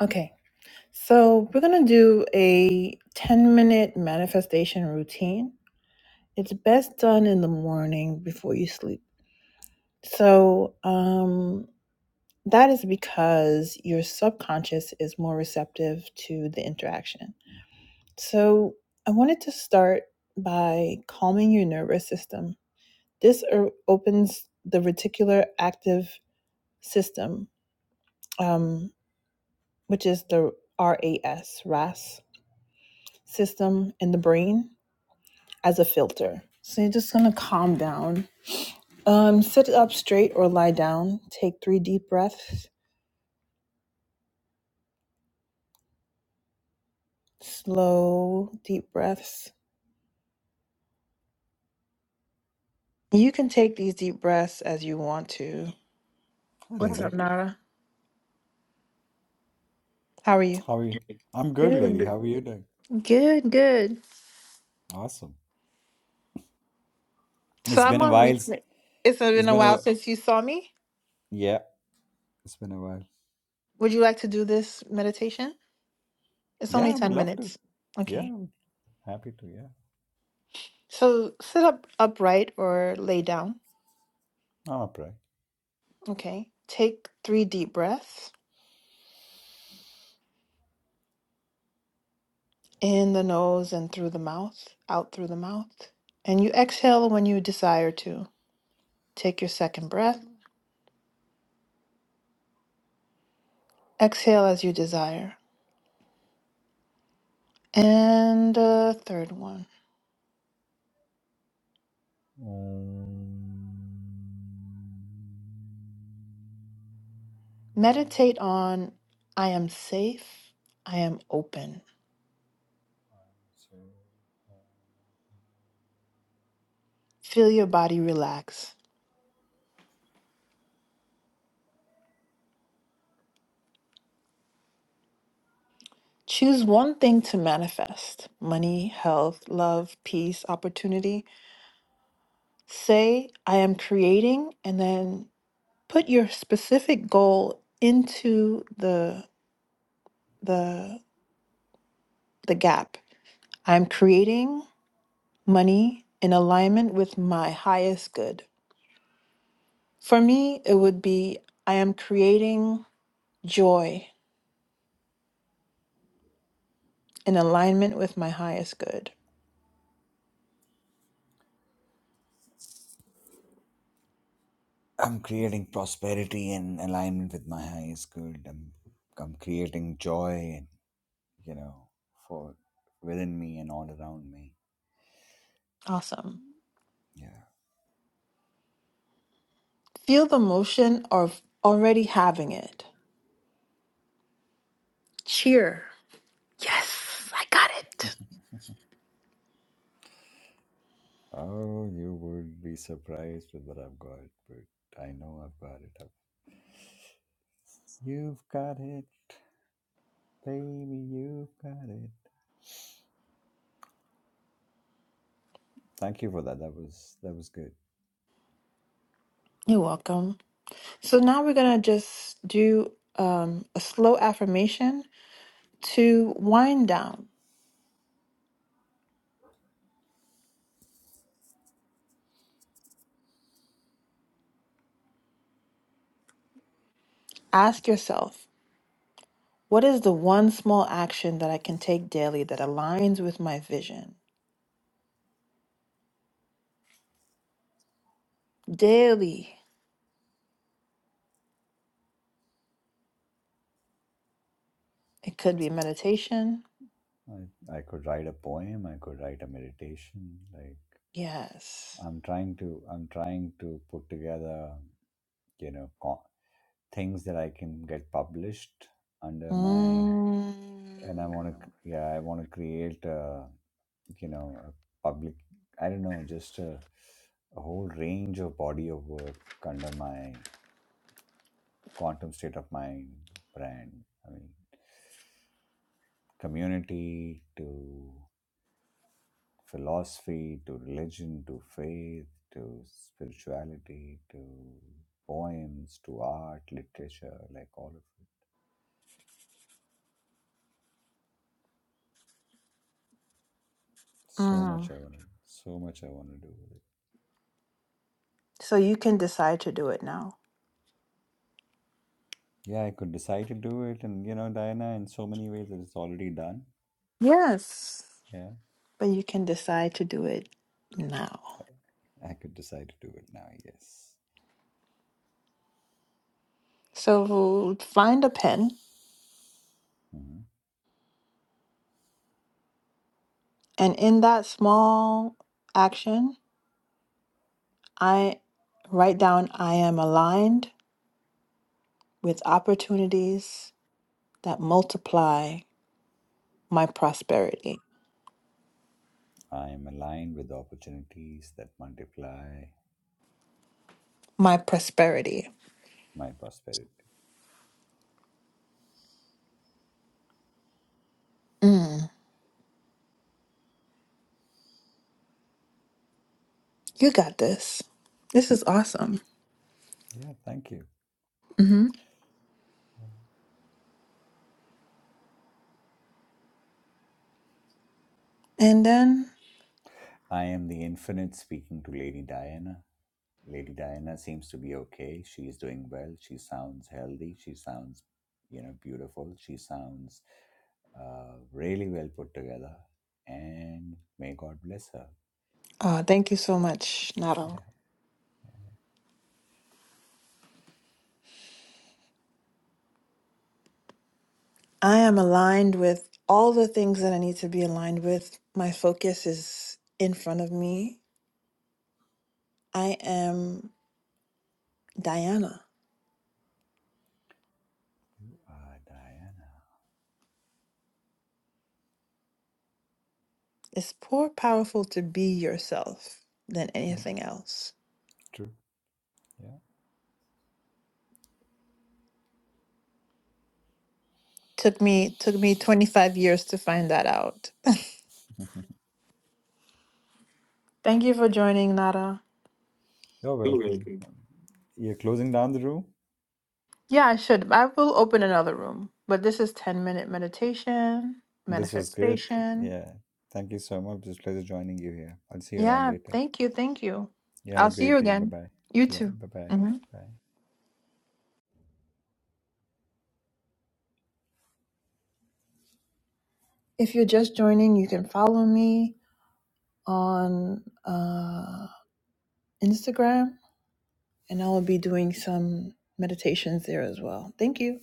Okay, so we're gonna do a 10 minute manifestation routine. It's best done in the morning before you sleep. So, um, that is because your subconscious is more receptive to the interaction. So, I wanted to start by calming your nervous system. This er- opens the reticular active system, um, which is the RAS, RAS system in the brain as a filter. So you're just gonna calm down. Um, sit up straight or lie down. Take three deep breaths, slow, deep breaths. You can take these deep breaths as you want to. Hi, What's lady. up, Nara? How are you? How are you? I'm good, lady. Good, How are you doing? good. good. Awesome. So It's been I'm a on while. s- replay. It's It's been a been a while since you saw me. yeah. It's been a while. Would you like to do this meditation? It's Yeah, only I would 10 love to. minutes. Yeah, Okay. I'm happy to. Yeah, So sit up upright or lay down. I'm up, right? Okay. Take three deep breaths. in the nose and through the mouth, out through the mouth. And you exhale when you desire to. Take your second breath. Exhale as you desire. And a third one. Mm, Meditate on I am safe, I am open. so- Feel your body relax. Choose one thing to manifest money, health, love, peace, opportunity. Say, I am creating, and then put your specific goal into the the the gap. I'm creating money in alignment with my highest good. For me, it would be I am creating joy in alignment with my highest good. I'm creating prosperity and alignment with my highest good. I'm I'm creating joy and you know for within me and all around me. Awesome. Yeah. Feel the motion of already having it. Cheer. Yes, I got it. oh, you would be surprised with what I've got, but I know I've got it. up. You've got it, baby. You've got it. Thank you for that. That was that was good. You're welcome. So now we're going to just do um, a slow affirmation to wind down. Ask yourself, What is the one small action that I can take daily that aligns with my vision? Daily. It could be meditation. I I could write a poem. I could write a meditation. Like Yes. I'm trying to I'm trying to put together you know co- things that I can get published under my and I Mm. want to yeah I want to create a you know a public I don't know just a a whole range of body of work under my quantum state of mind brand i mean community to philosophy to religion to faith to spirituality to poems to art literature like all of it so much Mm. i want to so much i want to do with So you can decide to do it now. it yeah i could decide to do it and you know diana in so many ways it's already done Yes. yeah But you can decide to do it now. i could decide to do it now yes So find a pen, Mhm. and in that small action, I write down I am aligned with opportunities that multiply my prosperity. I am aligned with the opportunities that multiply My prosperity. my prosperity. Mm, you got this. This is awesome. Yeah, thank you. hmm Yeah. And then, I am the infinite speaking to Lady Diana. Lady Diana seems to be okay. She is doing well. She sounds healthy. She sounds, you know, beautiful. She sounds uh, really well put together. And may God bless her. oh, thank you so much, Naro. Yeah. I am aligned with all the things that I need to be aligned with. My focus is in front of me. I am Diana. Ah, Diana. It's more powerful to be yourself than Mhm. anything else. True. Took me took me 25 years to find that out. Yeah. Thank you for joining, Nara. You're welcome. You're closing down the room. Yeah, I should. I will open another room, but this is 10 minute meditation, This was good. manifestation. Yeah. Thank you so much. It's a pleasure joining you here. I'll see you around Yeah, later. thank you. Thank you. You have a I'll see you great day. Bye again. bye. You Yeah. too. Bye bye. hmm Bye. If you're just joining, you can follow me on uh, Instagram, and I will be doing some meditations there as well. Thank you.